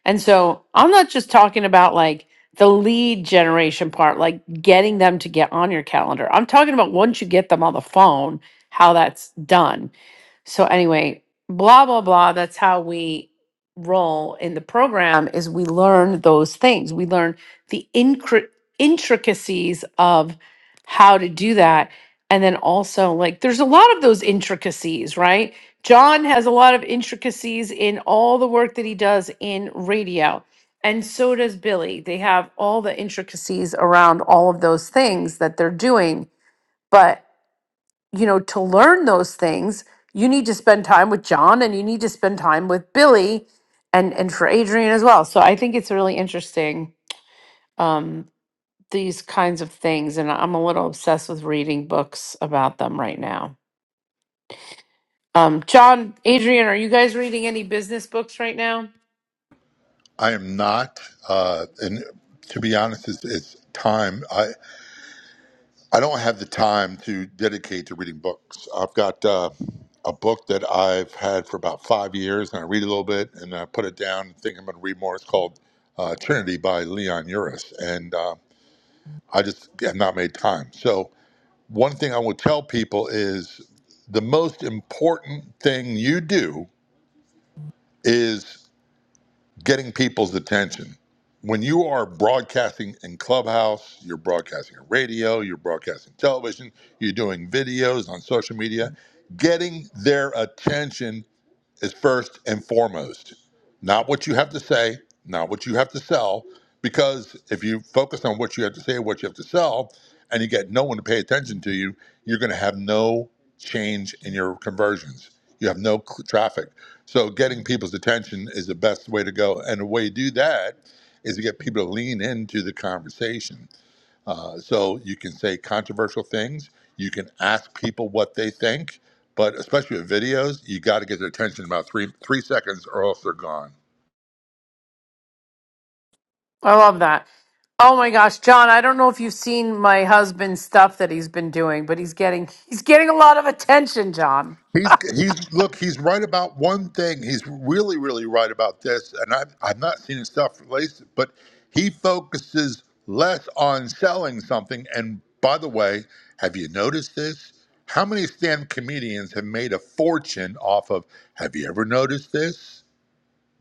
And so I'm not just talking about like the lead generation part, like getting them to get on your calendar. I'm talking about once you get them on the phone, how that's done so anyway, blah blah blah. That's how we roll in the program. Is we learn those things. We learn the incri- intricacies of how to do that, and then also like there's a lot of those intricacies, right? John has a lot of intricacies in all the work that he does in radio. And so does Billy. They have all the intricacies around all of those things that they're doing. but you know, to learn those things, you need to spend time with John and you need to spend time with Billy and and for Adrian as well. So I think it's really interesting um these kinds of things and I'm a little obsessed with reading books about them right now. Um John, Adrian, are you guys reading any business books right now? I am not, uh, and to be honest, it's, it's time. I, I don't have the time to dedicate to reading books. I've got uh, a book that I've had for about five years, and I read a little bit and I put it down and think I'm going to read more. It's called uh, Trinity by Leon Uris. And uh, I just have not made time. So, one thing I will tell people is the most important thing you do is getting people's attention. When you are broadcasting in Clubhouse, you're broadcasting on radio, you're broadcasting television, you're doing videos on social media, getting their attention is first and foremost. Not what you have to say, not what you have to sell, because if you focus on what you have to say, what you have to sell, and you get no one to pay attention to you, you're going to have no change in your conversions. You have no cl- traffic. So getting people's attention is the best way to go. And the way you do that is to get people to lean into the conversation so you can say controversial things. You can ask people what they think, but especially with videos, you got to get their attention in about three three seconds, or else they're gone. I love that. Oh my gosh, John, I don't know if you've seen my husband's stuff that he's been doing, but he's getting he's getting a lot of attention, John. He's he's look. He's right about one thing. He's really really right about this, and I've I've not seen his stuff released, but he focuses less on selling something. And by the way, have you noticed this? How many stand comedians have made a fortune off of? Have you ever noticed this?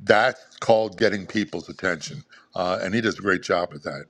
That's called getting people's attention. Uh, and he does a great job at that.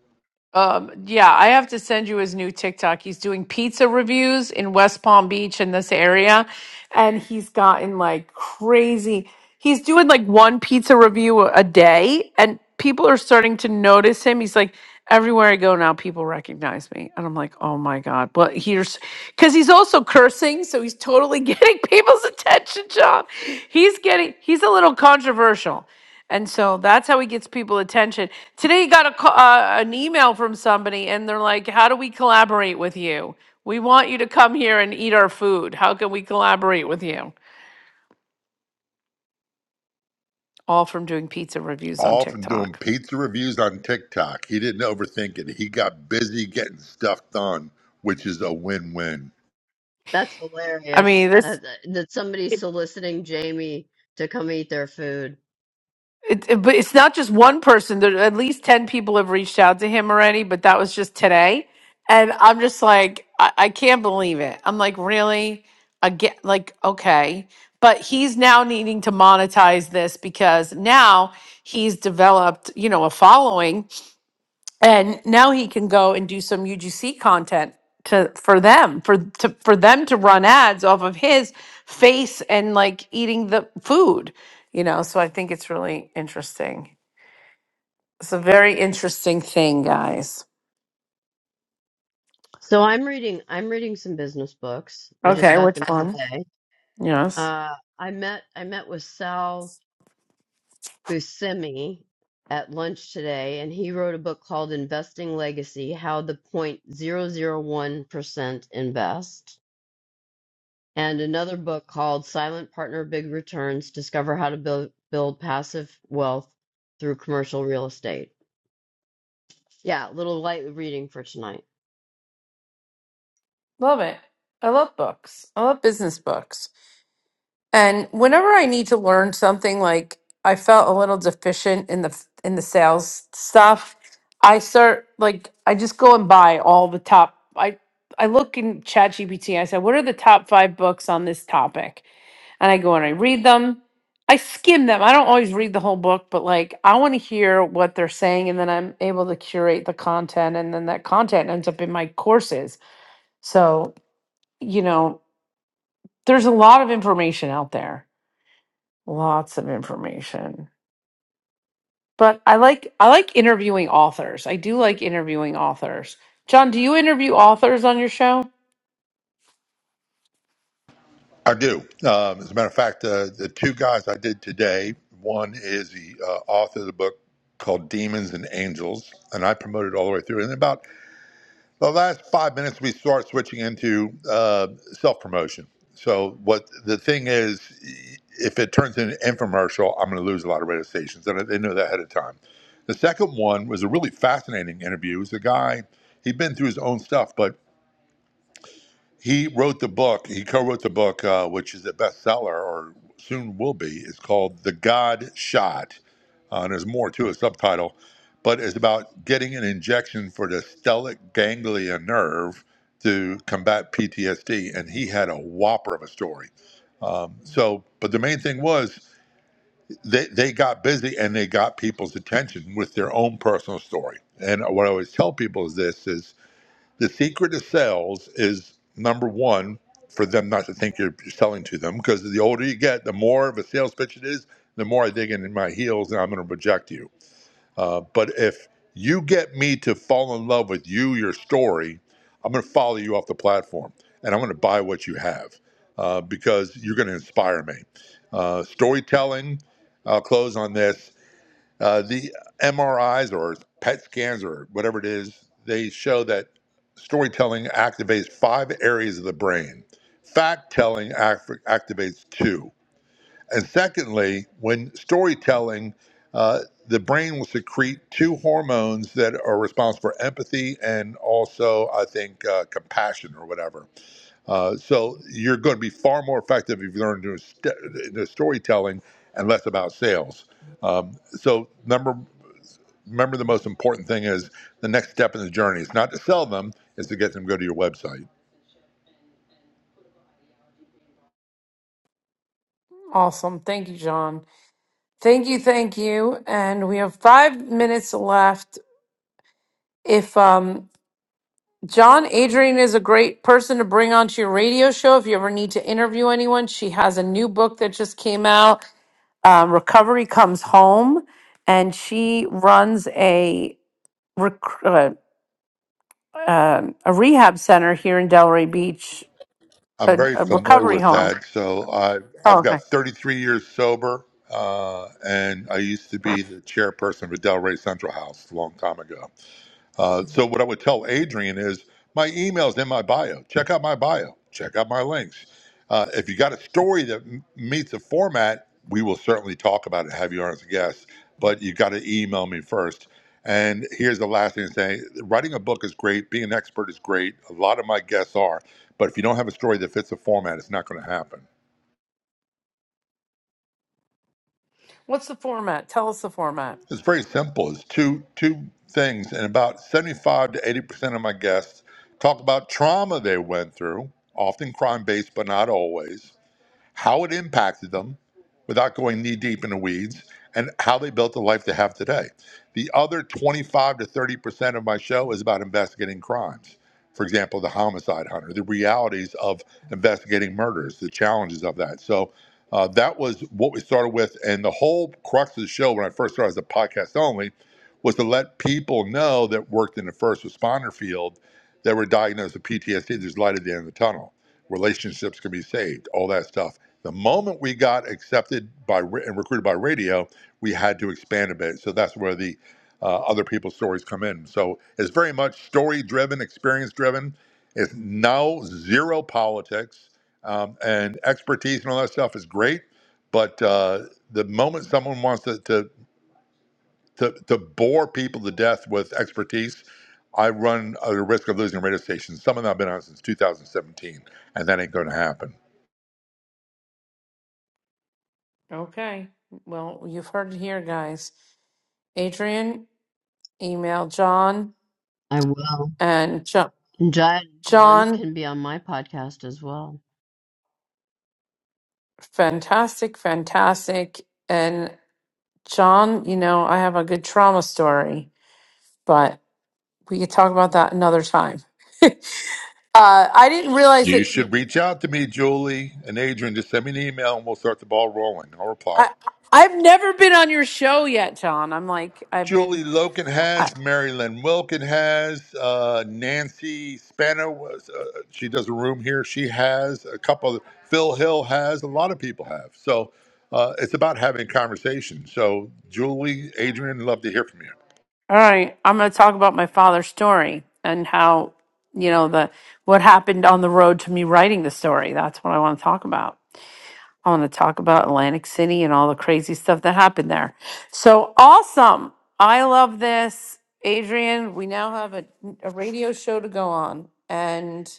Um, yeah, I have to send you his new TikTok. He's doing pizza reviews in West Palm Beach in this area, and he's gotten like crazy. He's doing like one pizza review a a day, and people are starting to notice him. He's like, everywhere I go now, people recognize me, and I'm like, oh my god. Well, here's because he's also cursing, so he's totally getting people's attention. John, he's getting he's a little controversial. And so that's how he gets people attention. Today, you got a ca- uh, an email from somebody, and they're like, "How do we collaborate with you? We want you to come here and eat our food. How can we collaborate with you?" All from doing pizza reviews on All from doing TikTok. pizza reviews on TikTok. He didn't overthink it. He got busy getting stuff done, which is a win win. That's I hilarious. mean, this. That, that that somebody's soliciting Jamie to come eat their food. It, it- but it's not just one person. There, at least 10 people have reached out to him already, but that was just today. And I'm just like, I, I can't believe it. I'm like, really? Again, like, okay. But he's now needing to monetize this because now he's developed, you know, a following and now he can go and do some UGC content to for them for to for them to run ads off of his face and like eating the food you know so i think it's really interesting it's a very interesting thing guys So I'm reading I'm reading some business books. I just okay got which them one today. yes Uh, I met I met with Sal Buscemi at lunch today, and he wrote a book called Investing Legacy: How the 0.001% Invest, and another book called Silent Partner Big Returns: Discover How to Build Build Passive Wealth Through Commercial Real Estate. Yeah, a little light reading for tonight. love it i love books i love business books And whenever I need to learn something, like I felt a little deficient in the in the sales stuff, I start like I just go and buy all the top. I I look in ChatGPT. I said, "What are the top five books on this topic?" And I go and I read them. I skim them. I don't always read the whole book, but like I want to hear what they're saying, and then I'm able to curate the content, and then that content ends up in my courses. So you know, there's a lot of information out there Lots of information. But I like I like interviewing authors. I do like interviewing authors. John, do you interview authors on your show? I do. Um, as a matter of fact, uh, the two guys I did today one is the uh, author of the book called Demons and Angels, and I promoted all the way through. And about The last five minutes, we start switching into uh, self promotion. So, what the thing is, if it turns into an infomercial, I'm going to lose a lot of radio stations. And they know that ahead of time. The second one was a really fascinating interview. It was a guy, he'd been through his own stuff, but he wrote the book. He co-wrote the book, uh, which is a bestseller, or soon will be. It's called "The God Shot," uh, and there's more to a subtitle, but it's about getting an injection for the stellate ganglia nerve to combat PTSD. And he had a whopper of a story. Um, so, but the main thing was they, they got busy and they got people's attention with their own personal story. And what I always tell people is this: is the secret of sales is number one for them not to think you're selling to them because the older you get, the more of a sales pitch it is, the more I dig in my heels and I'm going to reject you. Uh, but if you get me to fall in love with you, your story, I'm going to follow you off the platform and I'm going to buy what you have uh, because you're going to inspire me. Uh, storytelling, I'll close on this uh, the MRIs or PET scans or whatever it is, they show that storytelling activates five areas of the brain. Fact telling act- activates two. And secondly, when storytelling, uh, the brain will secrete two hormones that are responsible for empathy and also, I think, uh, compassion or whatever. Uh, so you're going to be far more effective if you learn to st- to storytelling and less about sales. Um, so number remember the most important thing is the next step in the journey It's not to sell them it's to get them to go to your website Awesome. Thank you, John. Thank you, thank you. And we have 5 minutes left. If um John Adrian is a great person to bring onto your radio show if you ever need to interview anyone. She has a new book that just came out, um, Recovery Comes Home, and she runs a recruit. um, a rehab center here in Delray Beach, i'm a, very a familiar recovery with home. that so I, Oh, i've okay. got 33 years sober uh, and i used to be the chairperson of a delray central house a long time ago Uh, so what I would tell Adrian is my email's in my bio. Check out my bio. Check out my links. Uh, if you got a story that m- meets the format, we will certainly talk about it. Have you on as a guest, but you got to email me first. And here's the last thing to say: writing a book is great. Being an expert is great. A lot of my guests are, but if you don't have a story that fits the format, it's not going to happen. What's the format? Tell us the format. It's very simple. It's two two things, and about seventy-five to eighty percent of my guests talk about trauma they went through, often crime-based, but not always how it impacted them without going knee deep in the weeds, and how they built the life they have today. The other 25 to 30% of my show is about investigating crimes. For example, the homicide hunter, the realities of investigating murders, the challenges of that. So uh, that was what we started with. And the whole crux of the show when I first started as a podcast only was to let people know that worked in the first responder field that were diagnosed with PTSD, there's light at the end of the tunnel relationships can be saved, all that stuff. The moment we got accepted by and recruited by radio, we had to expand a bit. So that's where the uh, other people's stories come in. So it's very much story driven, experience driven. It's now zero politics um, and expertise and all that stuff is great. But uh, the moment someone wants to, to, to, to bore people to death with expertise, I run a risk of losing radio stations. Some of them I've been on since 2017, and that ain't going to happen. Okay. Well, you've heard it here, guys. Adrian, email John I will. and John. And John John John, can be on my podcast as well. fantastic, fantastic. And John, you know, I have a good trauma story, but we could talk about that another time. uh, I didn't realize You that should reach out to me, Julie and Adrian. Just send me an email and we'll start the ball rolling. I'll reply. I, I've never been on your show yet, John. I'm like, I've been. Julie Loken has, Marilyn Wilkin has, uh, Nancy Spano, was, uh, she does a room here. She has a couple, Phil Hill has, a lot of people have. So uh, it's about having conversation. So, Julie, Adrian, love to hear from you. All right, I'm going to talk about my father's story and how, you know, the what happened on the road to me writing the story. That's what I want to talk about. I want to talk about Atlantic City and all the crazy stuff that happened there. So awesome. I love this. Adrian, we now have a, a radio show to go on. And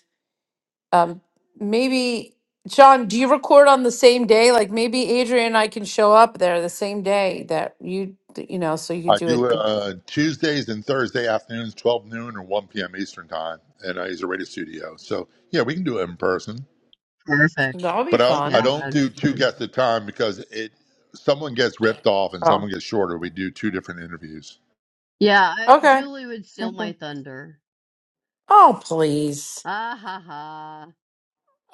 um, maybe, John, do you record on the same day? Like maybe Adrian and I can show up there the same day that you, you know, so you could I do it. do uh, Tuesdays and Thursday afternoons, 12 noon or 1 p.m. Eastern time, and I use a radio studio. So, yeah, we can do it in person. Perfect. That'll be But I don't, Yeah, I fun. don't that'd be do two fun. guests at a time because it someone gets ripped off and someone gets shorter. We do two different interviews. Yeah, I, Okay. Julie would steal Okay. my thunder. Oh, please. Ah ha ha.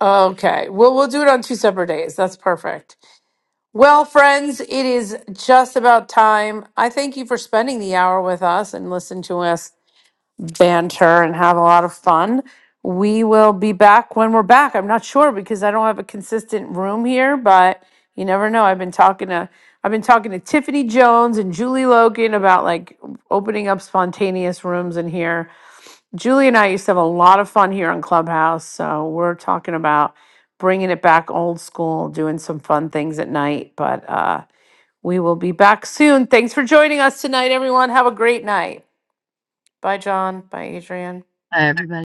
Okay. Well, we'll do it on two separate days. That's perfect. Well, friends, it is just about time. I thank you for spending the hour with us and listen to us banter and have a lot of fun. We will be back when we're back. I'm not sure because I don't have a consistent room here, but you never know. I've been talking to I've been talking to Tiffany Jones and Julie Logan about like opening up spontaneous rooms in here Julie and I used to have a lot of fun here on Clubhouse. So we're talking about bringing it back old school, doing some fun things at night. But uh, we will be back soon. Thanks for joining us tonight, everyone. Have a great night. Bye, John. Bye, Adrian. Hi, everybody.